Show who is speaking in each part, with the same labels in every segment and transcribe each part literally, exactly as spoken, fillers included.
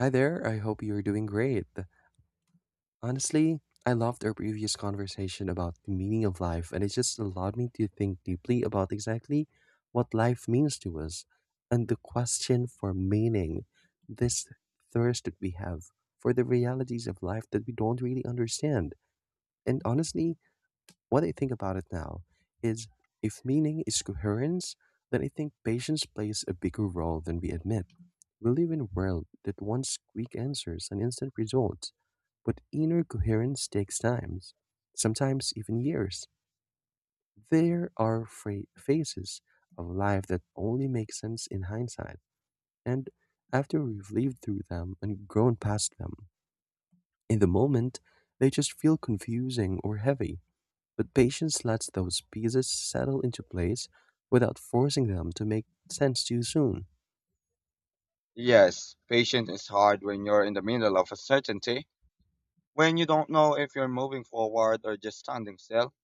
Speaker 1: Hi there, I hope you are doing great. Honestly, I loved our previous conversation about the meaning of life, and it just allowed me to think deeply about exactly what life means to us and the question for meaning, this thirst that we have for the realities of life that we don't really understand. And honestly, what I think about it now is if meaning is coherence, then I think patience plays a bigger role than we admit. We live in a world that wants quick answers and instant results, but inner coherence takes time, sometimes even years. There are fra- phases of life that only make sense in hindsight, and after we've lived through them and grown past them, in the moment, they just feel confusing or heavy. But patience lets those pieces settle into place without forcing them to make sense too soon.
Speaker 2: Yes, patience is hard when you're in the middle of uncertainty, when you don't know if you're moving forward or just standing still.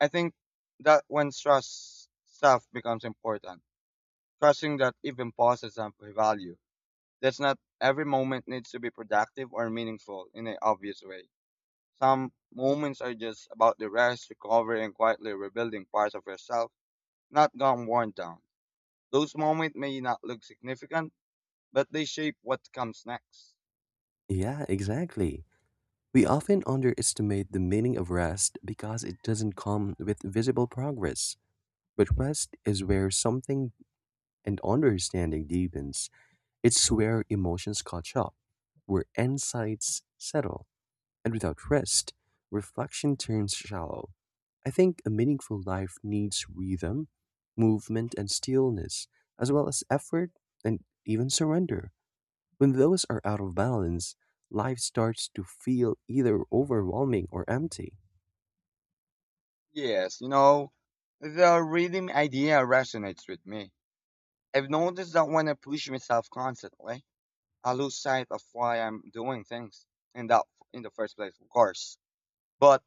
Speaker 2: I think that when trust stuff becomes important, trusting that even pauses have value. That's not every moment needs to be productive or meaningful in an obvious way. Some moments are just about the rest, recovery, and quietly rebuilding parts of yourself, not gone worn down. Those moments may not look significant, but they shape what comes next.
Speaker 1: Yeah, exactly. We often underestimate the meaning of rest because it doesn't come with visible progress. But rest is where something and understanding deepens. It's where emotions catch up, where insights settle, and without rest, reflection turns shallow. I think a meaningful life needs rhythm, movement, and stillness, as well as effort and even surrender. When those are out of balance, life starts to feel either overwhelming or empty.
Speaker 2: Yes, you know, the rhythm idea resonates with me. I've noticed that when I push myself constantly, I lose sight of why I'm doing things in that in the first place, of course. But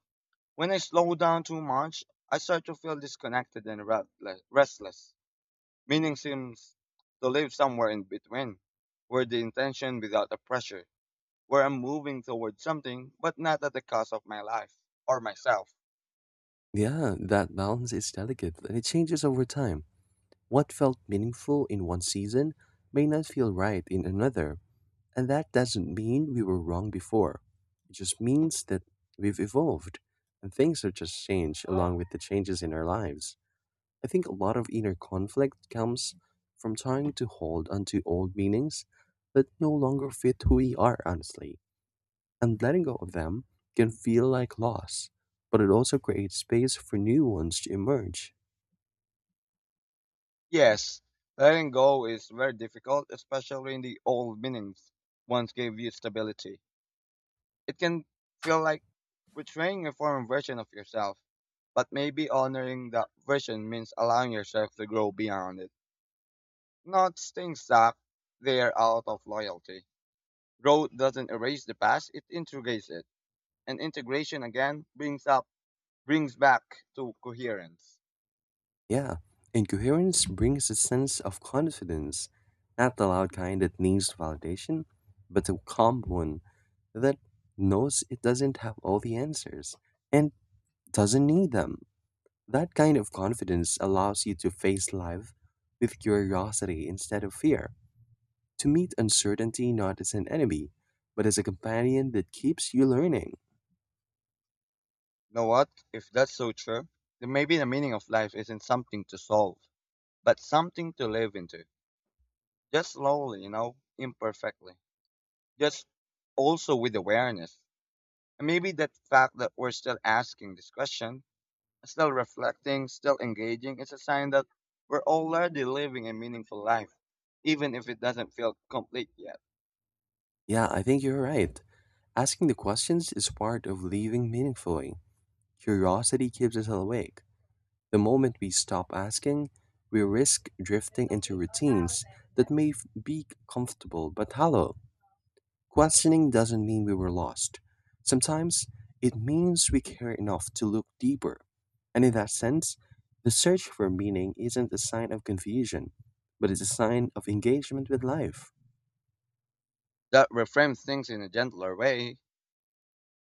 Speaker 2: when I slow down too much, I start to feel disconnected and restle- restless. Meaning seems to live somewhere in between, where the intention without the pressure, where I'm moving towards something, but not at the cost of my life or myself.
Speaker 1: Yeah, that balance is delicate and it changes over time. What felt meaningful in one season may not feel right in another. And that doesn't mean we were wrong before. It just means that we've evolved and things have just changed along with the changes in our lives. I think a lot of inner conflict comes from trying to hold onto old meanings that no longer fit who we are, honestly. And letting go of them can feel like loss, but it also creates space for new ones to emerge.
Speaker 2: Yes, letting go is very difficult, especially in the old meanings once gave you stability. It can feel like betraying a former version of yourself, but maybe honoring that version means allowing yourself to grow beyond it, not staying stuck there out of loyalty. Growth doesn't erase the past, it integrates it, and integration again brings up brings back to coherence.
Speaker 1: Yeah, incoherence brings a sense of confidence, not the loud kind that needs validation, but the calm one that knows it doesn't have all the answers and doesn't need them. That kind of confidence allows you to face life with curiosity instead of fear, to meet uncertainty not as an enemy, but as a companion that keeps you learning.
Speaker 2: You know what? If that's so true, then maybe the meaning of life isn't something to solve but something to live into. Just slowly, you know, imperfectly. Just also with awareness. And maybe that fact that we're still asking this question, still reflecting, still engaging, is a sign that we're already living a meaningful life, even if it doesn't feel complete yet.
Speaker 1: Yeah, I think you're right. Asking the questions is part of living meaningfully. Curiosity keeps us awake. The moment we stop asking, we risk drifting into routines that may f- be comfortable but hollow. Questioning doesn't mean we were lost. Sometimes it means we care enough to look deeper. And in that sense, the search for meaning isn't a sign of confusion, but it's a sign of engagement with life.
Speaker 2: That reframes things in a gentler way.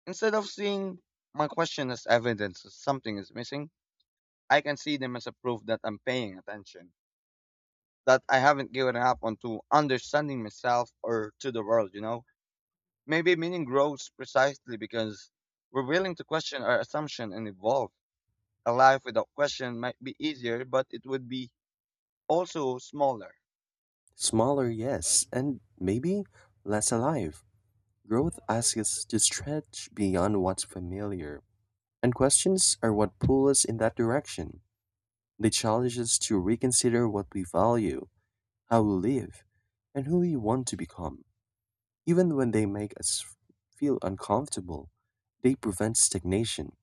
Speaker 2: Instead of seeing my question as evidence that something is missing, I can see them as a proof that I'm paying attention, that I haven't given up on to understanding myself or to the world, you know? Maybe meaning grows precisely because we're willing to question our assumption and evolve. A life without question might be easier, but it would be also smaller.
Speaker 1: Smaller, yes, and maybe less alive. Growth asks us to stretch beyond what's familiar, and questions are what pull us in that direction. They challenge us to reconsider what we value, how we live, and who we want to become. Even when they make us feel uncomfortable, they prevent stagnation.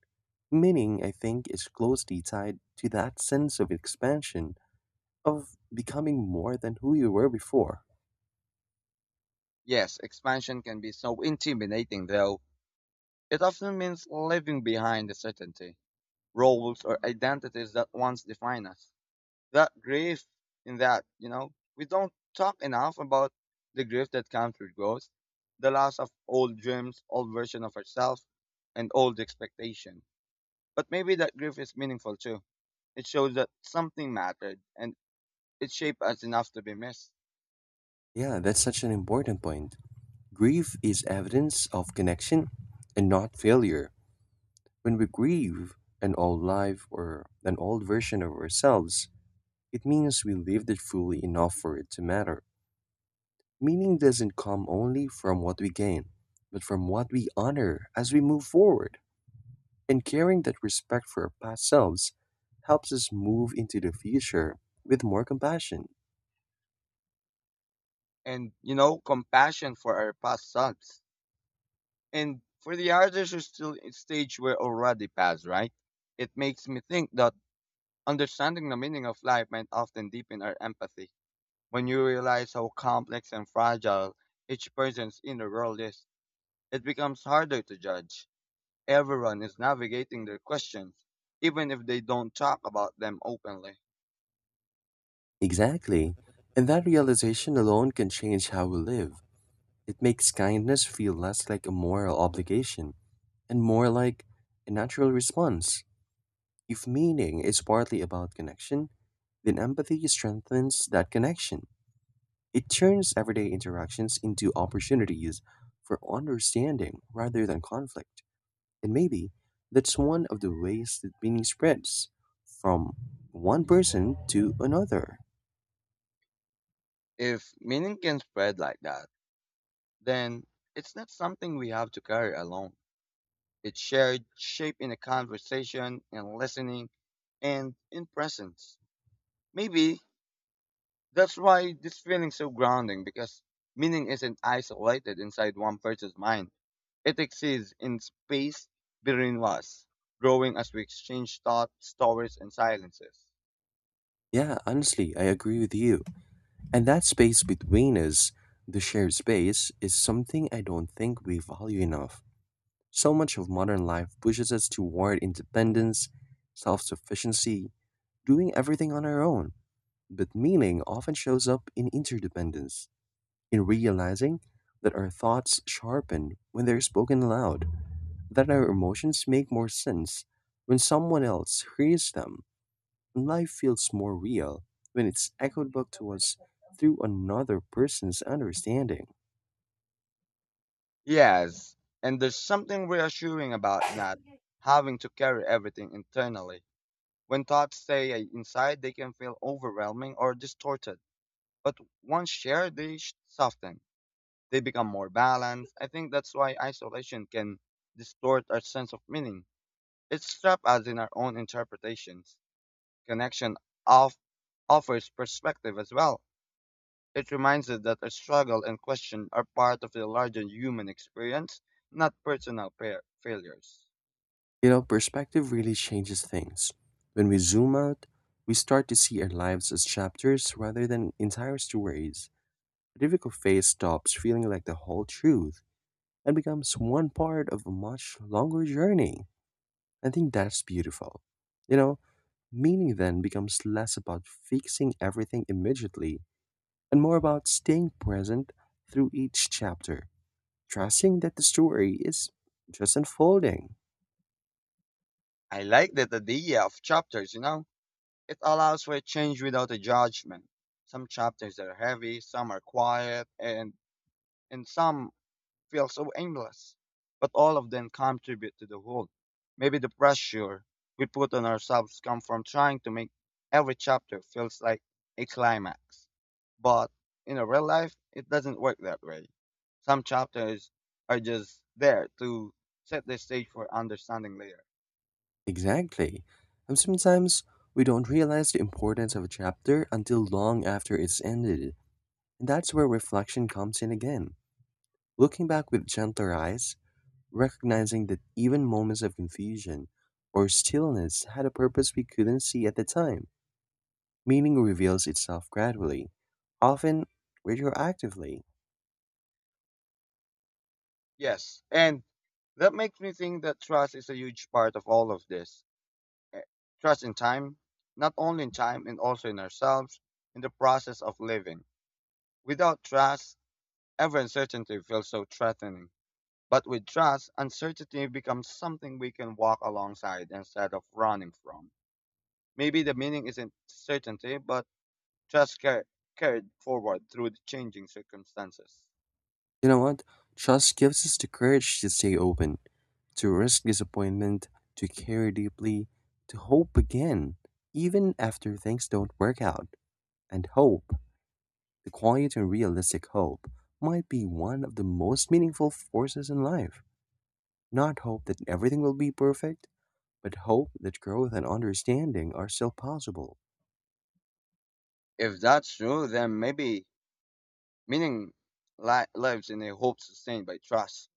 Speaker 1: Meaning, I think, is closely tied to that sense of expansion, of becoming more than who you were before.
Speaker 2: Yes, expansion can be so intimidating though. It often means leaving behind the certainty, roles or identities that once define us. That grief in that, you know, we don't talk enough about the grief that comes with growth, the loss of old dreams, old version of ourselves, and old expectation. But maybe that grief is meaningful too. It shows that something mattered and it shaped us enough to be missed.
Speaker 1: Yeah, that's such an important point. Grief is evidence of connection and not failure. When we grieve an old life or an old version of ourselves, it means we lived it fully enough for it to matter. Meaning doesn't come only from what we gain, but from what we honor as we move forward. And carrying that respect for our past selves helps us move into the future with more compassion.
Speaker 2: And you know, compassion for our past selves. And for the others who still in stage we're already past, right? It makes me think that understanding the meaning of life might often deepen our empathy. When you realize how complex and fragile each person's inner world is, it becomes harder to judge. Everyone is navigating their questions, even if they don't talk about them openly.
Speaker 1: Exactly. And that realization alone can change how we live. It makes kindness feel less like a moral obligation and more like a natural response. If meaning is partly about connection, then empathy strengthens that connection. It turns everyday interactions into opportunities for understanding rather than conflict. And maybe that's one of the ways that meaning spreads from one person to another.
Speaker 2: If meaning can spread like that, then it's not something we have to carry alone. It's shared, shaped in a conversation, in listening, and in presence. Maybe that's why this feeling's so grounding because meaning isn't isolated inside one person's mind. It exists in space between us, growing as we exchange thoughts, stories, and silences.
Speaker 1: Yeah, honestly, I agree with you. And that space between us, the shared space, is something I don't think we value enough. So much of modern life pushes us toward independence, self sufficiency, doing everything on our own. But meaning often shows up in interdependence, in realizing that our thoughts sharpen when they're spoken aloud, that our emotions make more sense when someone else hears them, and life feels more real when it's echoed back to us through another person's understanding.
Speaker 2: Yes, and there's something reassuring about not having to carry everything internally. When thoughts stay inside, they can feel overwhelming or distorted. But once shared, they sh- soften. They become more balanced. I think that's why isolation can distort our sense of meaning. It traps us in our own interpretations. Connection of offers perspective as well. It reminds us that our struggle and question are part of the larger human experience, not personal pair failures.
Speaker 1: You know, perspective really changes things. When we zoom out, we start to see our lives as chapters rather than entire stories. A difficult phase stops feeling like the whole truth and becomes one part of a much longer journey. I think that's beautiful. You know, meaning then becomes less about fixing everything immediately and more about staying present through each chapter, trusting that the story is just unfolding.
Speaker 2: I like that idea of chapters, you know? It allows for a change without a judgment. Some chapters are heavy, some are quiet, and, and some feel so aimless. But all of them contribute to the whole. Maybe the pressure we put on ourselves comes from trying to make every chapter feels like a climax. But in a real life, it doesn't work that way. Some chapters are just there to set the stage for understanding later.
Speaker 1: Exactly. And sometimes we don't realize the importance of a chapter until long after it's ended. And that's where reflection comes in again. Looking back with gentler eyes, recognizing that even moments of confusion or stillness had a purpose we couldn't see at the time. Meaning reveals itself gradually, often retroactively.
Speaker 2: Yes, and that makes me think that trust is a huge part of all of this. Eh, Trust in time, not only in time, and also in ourselves, in the process of living. Without trust, every uncertainty feels so threatening. But with trust, uncertainty becomes something we can walk alongside instead of running from. Maybe the meaning isn't certainty, but trust car- carried forward through the changing circumstances.
Speaker 1: You know what? Trust gives us the courage to stay open, to risk disappointment, to care deeply, to hope again, even after things don't work out. And hope, the quiet and realistic hope, might be one of the most meaningful forces in life. Not hope that everything will be perfect, but hope that growth and understanding are still possible.
Speaker 2: If that's true, then maybe meaning li- lives in a hope sustained by trust,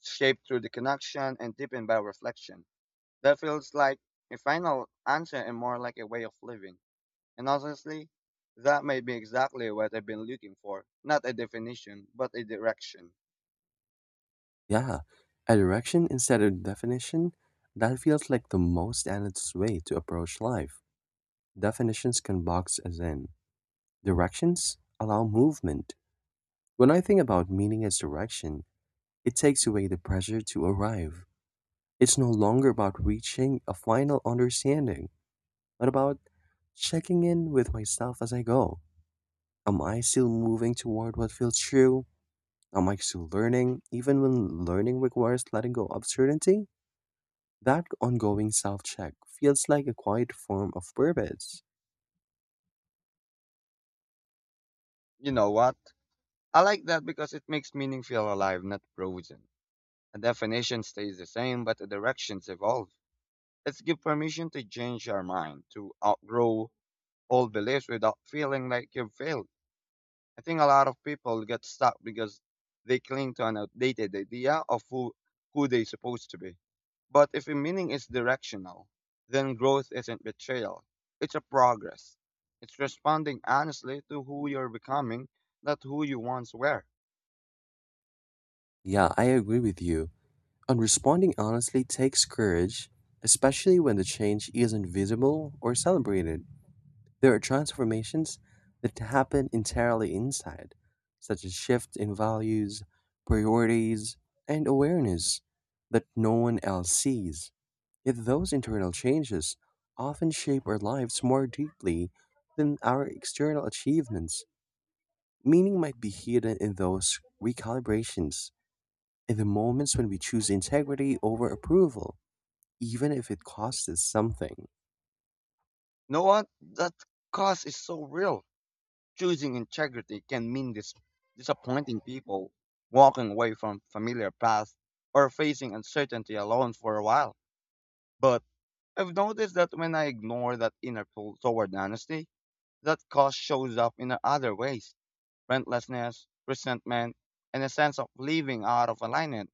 Speaker 2: shaped through the connection and deepened by reflection. That feels like a final answer and more like a way of living. And honestly, that may be exactly what I've been looking for. Not a definition, but a direction.
Speaker 1: Yeah, a direction instead of definition, that feels like the most honest way to approach life. Definitions can box us in. Directions allow movement. When I think about meaning as direction, it takes away the pressure to arrive. It's no longer about reaching a final understanding, but about checking in with myself as I go. Am I still moving toward what feels true? Am I still learning, even when learning requires letting go of certainty? That ongoing self check feels like a quiet form of purpose.
Speaker 2: You know what? I like that because it makes meaning feel alive, not frozen. A definition stays the same, but the directions evolve. Let's give permission to change our mind, to outgrow old beliefs without feeling like you've failed. I think a lot of people get stuck because they cling to an outdated idea of who, who they're supposed to be. But if a meaning is directional, then growth isn't betrayal. It's a progress. It's responding honestly to who you're becoming, not who you once were.
Speaker 1: Yeah, I agree with you. And responding honestly takes courage, especially when the change isn't visible or celebrated. There are transformations that happen entirely inside, such as shifts in values, priorities, and awareness that no one else sees. Yet those internal changes often shape our lives more deeply than our external achievements. Meaning might be hidden in those recalibrations, in the moments when we choose integrity over approval even if it costs us something.
Speaker 2: Know what? That cost is so real. Choosing integrity can mean dis- disappointing people, walking away from familiar paths, or facing uncertainty alone for a while. But I've noticed that when I ignore that inner pull toward honesty, that cost shows up in other ways: relentlessness, resentment, and a sense of living out of alignment.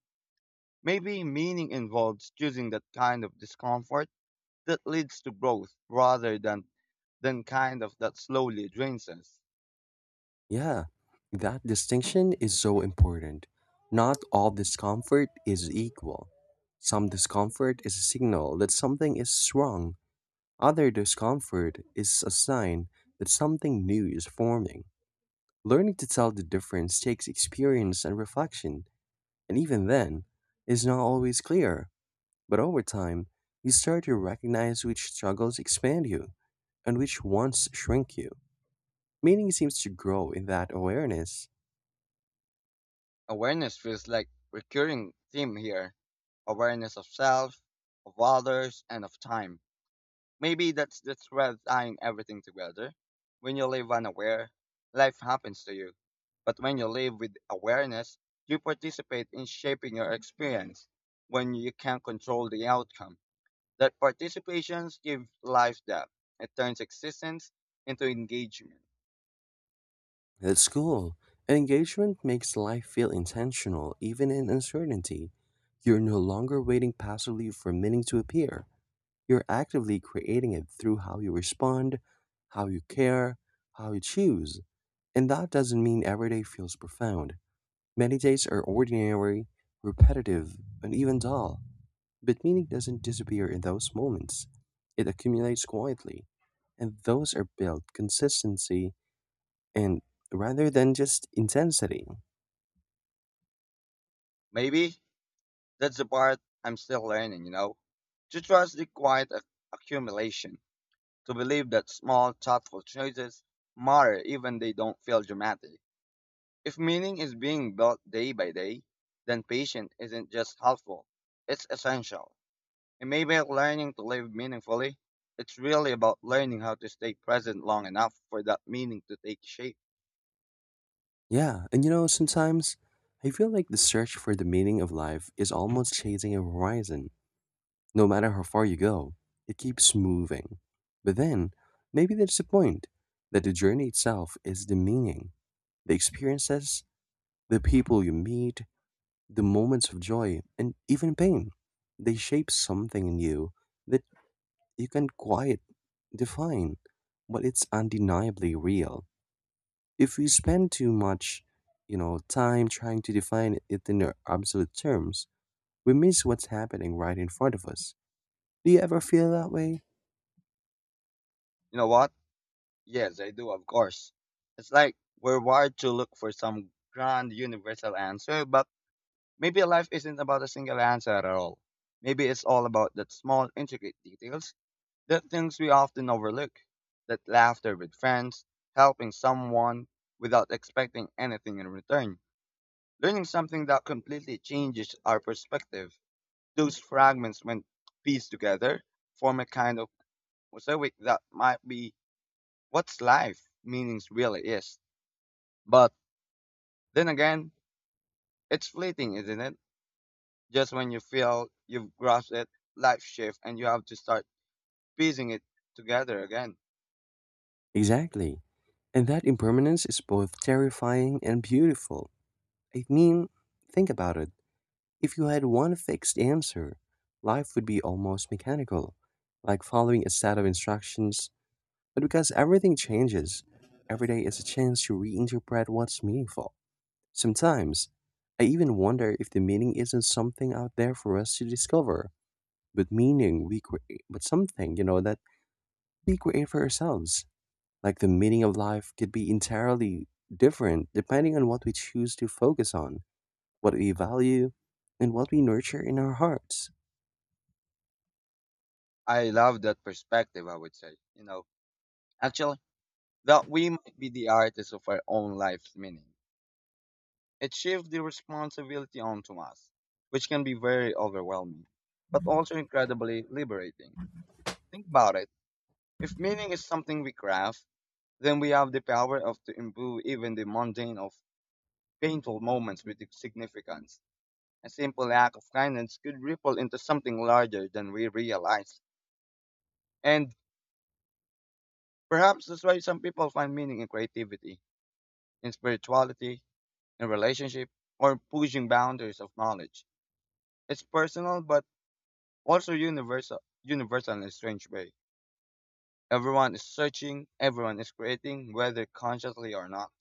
Speaker 2: Maybe meaning involves choosing that kind of discomfort that leads to growth rather than, than kind of that slowly drains us.
Speaker 1: Yeah, that distinction is so important. Not all discomfort is equal. Some discomfort is a signal that something is wrong, other discomfort is a sign that something new is forming. Learning to tell the difference takes experience and reflection, and even then, is not always clear. But over time, you start to recognize which struggles expand you and which ones shrink you. Meaning seems to grow in that awareness.
Speaker 2: Awareness feels like recurring theme here: awareness of self, of others, and of time. Maybe that's the thread tying everything together. When you live unaware, life happens to you. But when you live with awareness, you participate in shaping your experience when you can control the outcome. That participation gives life depth. It turns existence into engagement.
Speaker 1: At school, engagement makes life feel intentional, even in uncertainty. You're no longer waiting passively for meaning to appear. You're actively creating it through how you respond, how you care, how you choose. And that doesn't mean every day feels profound. Many days are ordinary, repetitive, and even dull, but meaning doesn't disappear in those moments, it accumulates quietly, and those are built consistency and rather than just intensity.
Speaker 2: Maybe that's the part I'm still learning, you know? To trust the quiet ac- accumulation, to believe that small, thoughtful choices matter even they don't feel dramatic. If meaning is being built day by day, then patience isn't just helpful, it's essential. And maybe learning to live meaningfully, it's really about learning how to stay present long enough for that meaning to take shape.
Speaker 1: Yeah, and you know, sometimes I feel like the search for the meaning of life is almost chasing a horizon. No matter how far you go, it keeps moving. But then, maybe that's the point that the journey itself is the meaning, the experiences, the people you meet, the moments of joy and even pain, they shape something in you that you can't quite define, but it's undeniably real. If we spend too much, you know, time trying to define it in our absolute terms, we miss what's happening right in front of us. Do you ever feel that way?
Speaker 2: You know what? Yes, I do, of course. It's like we're wired to look for some grand universal answer, but maybe life isn't about a single answer at all. Maybe it's all about that small intricate details. The things we often overlook. That laughter with friends, helping someone without expecting anything in return, learning something that completely changes our perspective. Those fragments, when pieced together, form a kind of mosaic that might be what's life meanings really is. But then again, it's fleeting, isn't it? Just when you feel you've grasped it, life shifts and you have to start piecing it together again.
Speaker 1: Exactly. And that impermanence is both terrifying and beautiful. I mean, think about it. If you had one fixed answer, life would be almost mechanical, like following a set of instructions. But because everything changes, every day is a chance to reinterpret what's meaningful. Sometimes, I even wonder if the meaning isn't something out there for us to discover, but meaning we create, but something, you know, that we create for ourselves. Like the meaning of life could be entirely different depending on what we choose to focus on, what we value, and what we nurture in our hearts.
Speaker 2: I love that perspective, I would say. You know, actually, that we might be the artists of our own life's meaning. It shifts the responsibility onto us, which can be very overwhelming, but also incredibly liberating. Think about it. If meaning is something we craft, then we have the power of to imbue even the mundane of painful moments with its significance. A simple act of kindness could ripple into something larger than we realize. And perhaps that's why some people find meaning in creativity, in spirituality, in relationship or pushing boundaries of knowledge. It's personal but also universal, universal in a strange way. Everyone is searching, everyone is creating, whether consciously or not.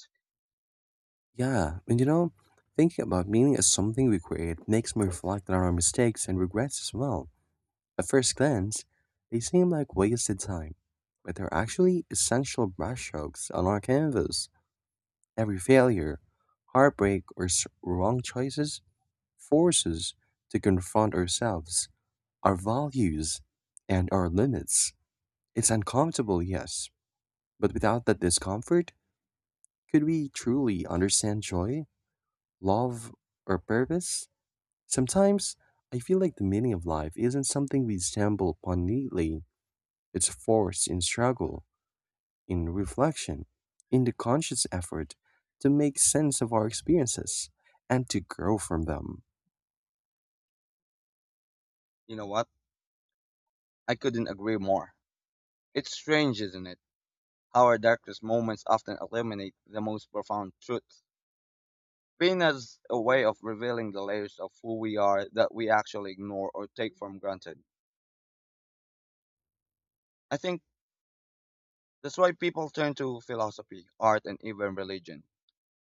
Speaker 1: Yeah, and you know, thinking about meaning as something we create makes me reflect on our mistakes and regrets as well. At first glance, they seem like wasted time, but they're actually essential brushstrokes on our canvas. Every failure, heartbreak, or s- wrong choices forces to confront ourselves our values and our limits. It's uncomfortable, yes, but without that discomfort, could we truly understand joy, love, or purpose? Sometimes I feel like the meaning of life isn't something we stumble upon neatly, it's forced in struggle, in reflection, in the conscious effort to make sense of our experiences and to grow from them.
Speaker 2: You know what? I couldn't agree more. It's strange, isn't it, how our darkest moments often illuminate the most profound truths? Pain as a way of revealing the layers of who we are that we actually ignore or take for granted. I think that's why people turn to philosophy, art, and even religion.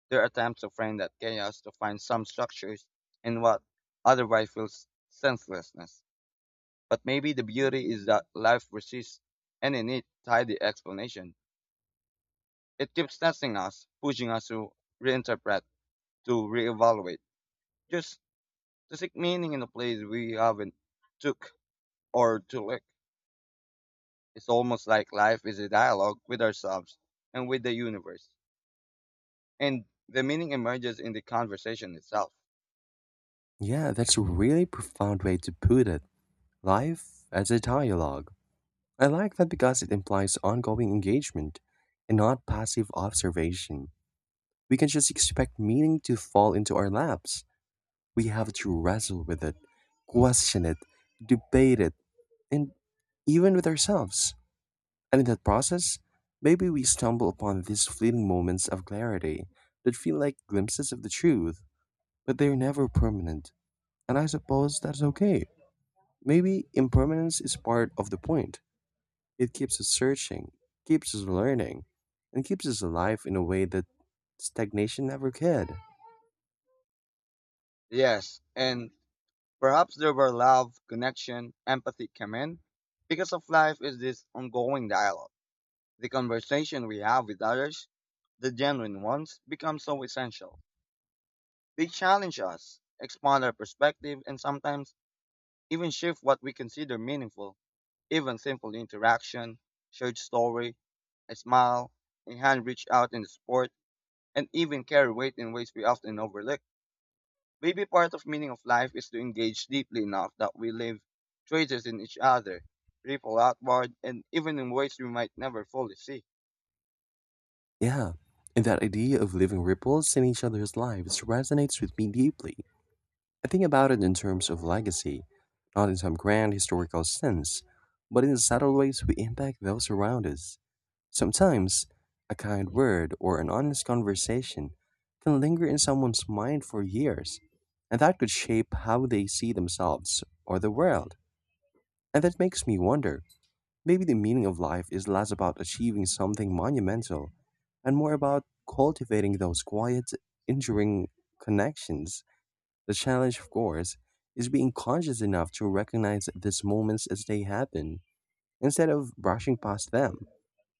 Speaker 2: Their attempts to frame that chaos to find some structures in what otherwise feels senselessness. But maybe the beauty is that life resists any neat, tidy explanation. It keeps testing us, pushing us to reinterpret, to reevaluate, just to seek meaning in a place we haven't took or to look. It's almost like life is a dialogue with ourselves and with the universe. And the meaning emerges in the conversation itself.
Speaker 1: Yeah, that's a really profound way to put it. Life as a dialogue. I like that because it implies ongoing engagement and not passive observation. We can just expect meaning to fall into our laps. We have to wrestle with it, question it, debate it, and even with ourselves. And in that process, maybe we stumble upon these fleeting moments of clarity that feel like glimpses of the truth, but they're never permanent. And I suppose that's okay. Maybe impermanence is part of the point. It keeps us searching, keeps us learning, and keeps us alive in a way that stagnation never could.
Speaker 2: Yes, and perhaps there were love, connection, empathy come in, because of life is this ongoing dialogue. The conversation we have with others, the genuine ones, become so essential. They challenge us, expand our perspective, and sometimes even shift what we consider meaningful. Even simple interaction, shared story, a smile, a hand reached out in the sport, and even carry weight in ways we often overlook. Maybe part of meaning of life is to engage deeply enough that we leave traces in each other, ripple outward, and even in ways we might never fully see.
Speaker 1: Yeah, and that idea of leaving ripples in each other's lives resonates with me deeply. I think about it in terms of legacy, not in some grand historical sense, but in the subtle ways we impact those around us. Sometimes, a kind word or an honest conversation can linger in someone's mind for years, and that could shape how they see themselves or the world. And that makes me wonder, maybe the meaning of life is less about achieving something monumental and more about cultivating those quiet, enduring connections. The challenge, of course, is being conscious enough to recognize these moments as they happen instead of brushing past them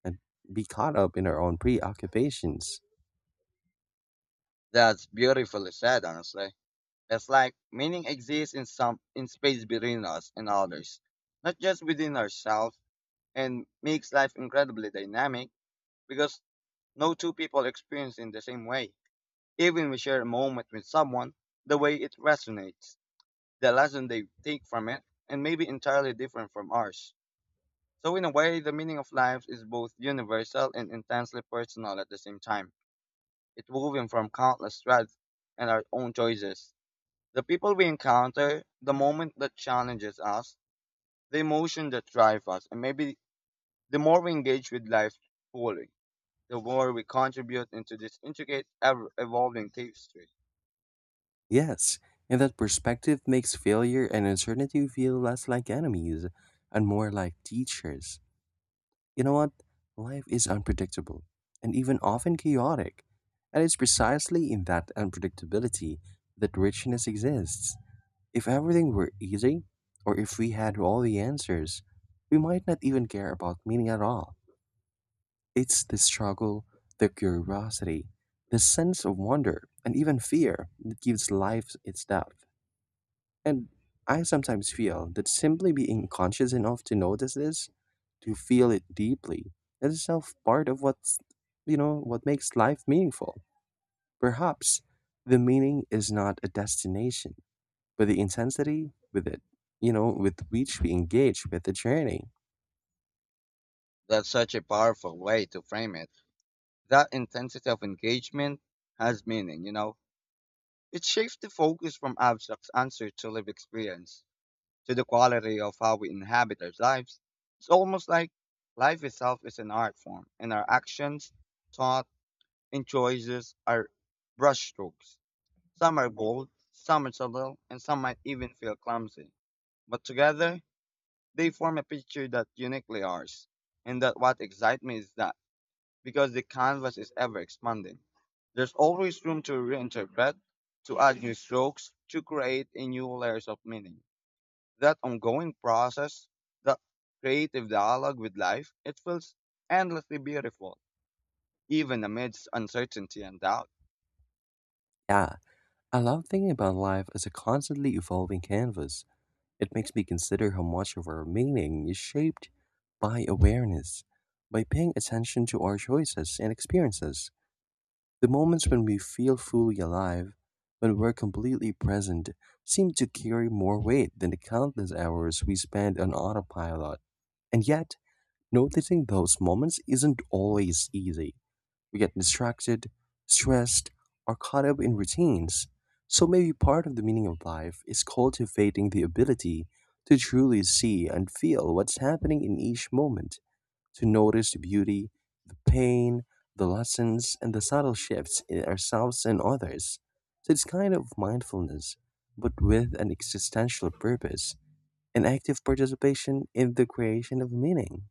Speaker 1: and be caught up in our own preoccupations.
Speaker 2: That's beautifully said, honestly. It's like meaning exists in some in space between us and others, not just within ourselves, and makes life incredibly dynamic because no two people experience in the same way. Even we share a moment with someone, the way it resonates, the lesson they take from it, and maybe entirely different from ours. So, in a way, the meaning of life is both universal and intensely personal at the same time. It's woven from countless threads and our own choices. The people we encounter, the moment that challenges us, the emotion that drives us, and maybe the more we engage with life fully, the more we contribute into this intricate, ever evolving tapestry.
Speaker 1: Yes, and that perspective makes failure and uncertainty feel less like enemies and more like teachers. You know what? Life is unpredictable and even often chaotic. And it's precisely in that unpredictability that richness exists. If everything were easy, or if we had all the answers, we might not even care about meaning at all. It's the struggle, the curiosity, the sense of wonder, and even fear that gives life its depth. And I sometimes feel that simply being conscious enough to notice this, to feel it deeply, is itself part of what's, you know, what makes life meaningful. Perhaps the meaning is not a destination, but the intensity with it, you know, with which we engage with the journey.
Speaker 2: That's such a powerful way to frame it. That intensity of engagement has meaning, you know? It shifts the focus from abstract answer to live experience, to the quality of how we inhabit our lives. It's almost like life itself is an art form, and our actions, thought, and choices are brushstrokes. Some are bold, some are subtle, and some might even feel clumsy. But together, they form a picture that uniquely ours. And that what excites me is that because the canvas is ever expanding, there's always room to reinterpret, to add new strokes, to create a new layers of meaning, that ongoing process, that creative dialogue with life, it feels endlessly beautiful, even amidst uncertainty and doubt.
Speaker 1: Yeah, I love thinking about life as a constantly evolving canvas. It makes me consider how much of our meaning is shaped by awareness, by paying attention to our choices and experiences. The moments when we feel fully alive, when we're completely present, seem to carry more weight than the countless hours we spend on autopilot. And yet, noticing those moments isn't always easy. We get distracted, stressed, or caught up in routines. So maybe part of the meaning of life is cultivating the ability to truly see and feel what's happening in each moment, to notice the beauty, the pain, the lessons, and the subtle shifts in ourselves and others. So it's kind of mindfulness, but with an existential purpose, an active participation in the creation of meaning.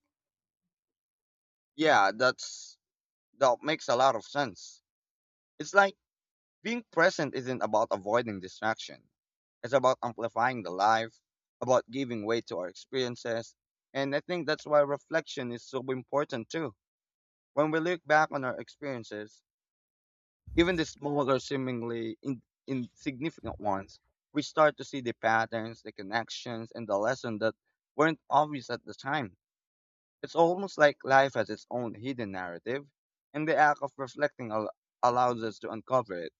Speaker 2: Yeah, that's that makes a lot of sense. It's like being present isn't about avoiding distraction. It's about amplifying the life, about giving way to our experiences. And I think that's why reflection is so important too. When we look back on our experiences, even the smaller, seemingly in, insignificant ones, we start to see the patterns, the connections, and the lesson that weren't obvious at the time. It's almost like life has its own hidden narrative, and the act of reflecting al- allows us to uncover it,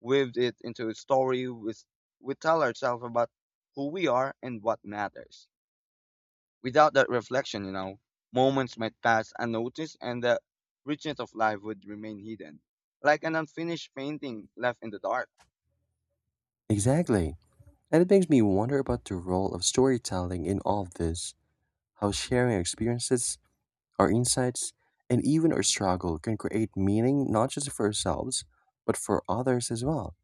Speaker 2: weave it into a story we, we tell ourselves about who we are and what matters. Without that reflection, you know, moments might pass unnoticed and the richness of life would remain hidden, like an unfinished painting left in the dark.
Speaker 1: Exactly. And it makes me wonder about the role of storytelling in all of this, how sharing our experiences, our insights, and even our struggle can create meaning not just for ourselves, but for others as well.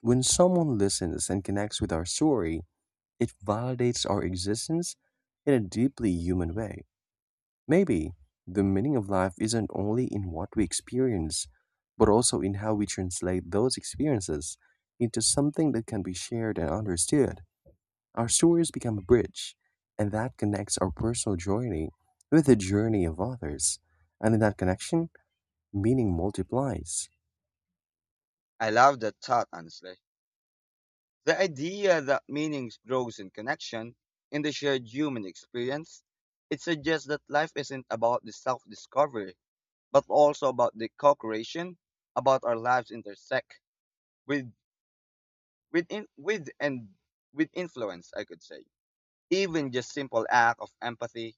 Speaker 1: When someone listens and connects with our story, it validates our existence in a deeply human way. Maybe the meaning of life isn't only in what we experience, but also in how we translate those experiences into something that can be shared and understood. Our stories become a bridge, and that connects our personal journey with the journey of others. And in that connection, meaning multiplies.
Speaker 2: I love that thought, honestly. The idea that meaning grows in connection, in the shared human experience, it suggests that life isn't about the self-discovery, but also about the co-creation, about our lives intersect with with in, with and with influence, I could say. Even just simple act of empathy,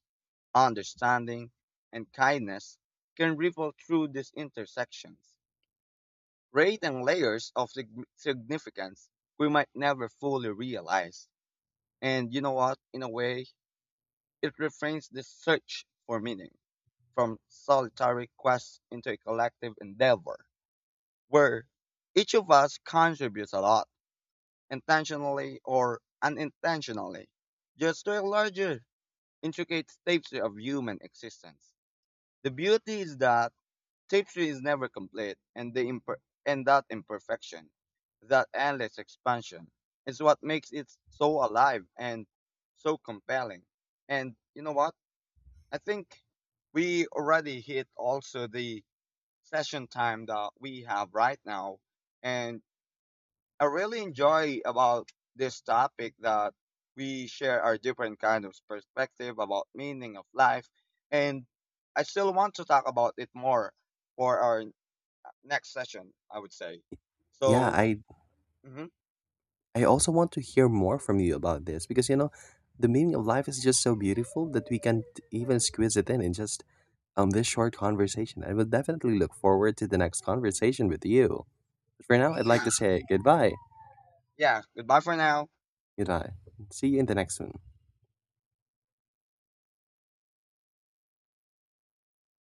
Speaker 2: understanding, and kindness can ripple through these intersections, rate and layers of sig- significance we might never fully realize. And you know what? In a way, it reframes the search for meaning from solitary quest into a collective endeavor where each of us contributes a lot, intentionally or unintentionally, just to a larger, intricate tapestry of human existence. The beauty is that tapestry is never complete, and the imper- and that imperfection, that endless expansion, is what makes it so alive and so compelling. And you know what? I think we already hit also the session time that we have right now. And I really enjoy about this topic that we share our different kind of perspective about meaning of life. And I still want to talk about it more for our next session, I would say.
Speaker 1: Yeah,
Speaker 2: So,
Speaker 1: I
Speaker 2: mhm,
Speaker 1: I also want to hear more from you about this because, you know, the meaning of life is just so beautiful that we can't even squeeze it in in just um this short conversation. I will definitely look forward to the next conversation with you. But for now, I'd like to
Speaker 2: yeah,
Speaker 1: say goodbye.
Speaker 2: yeah. Goodbye for now.
Speaker 1: Goodbye. See you in the next one.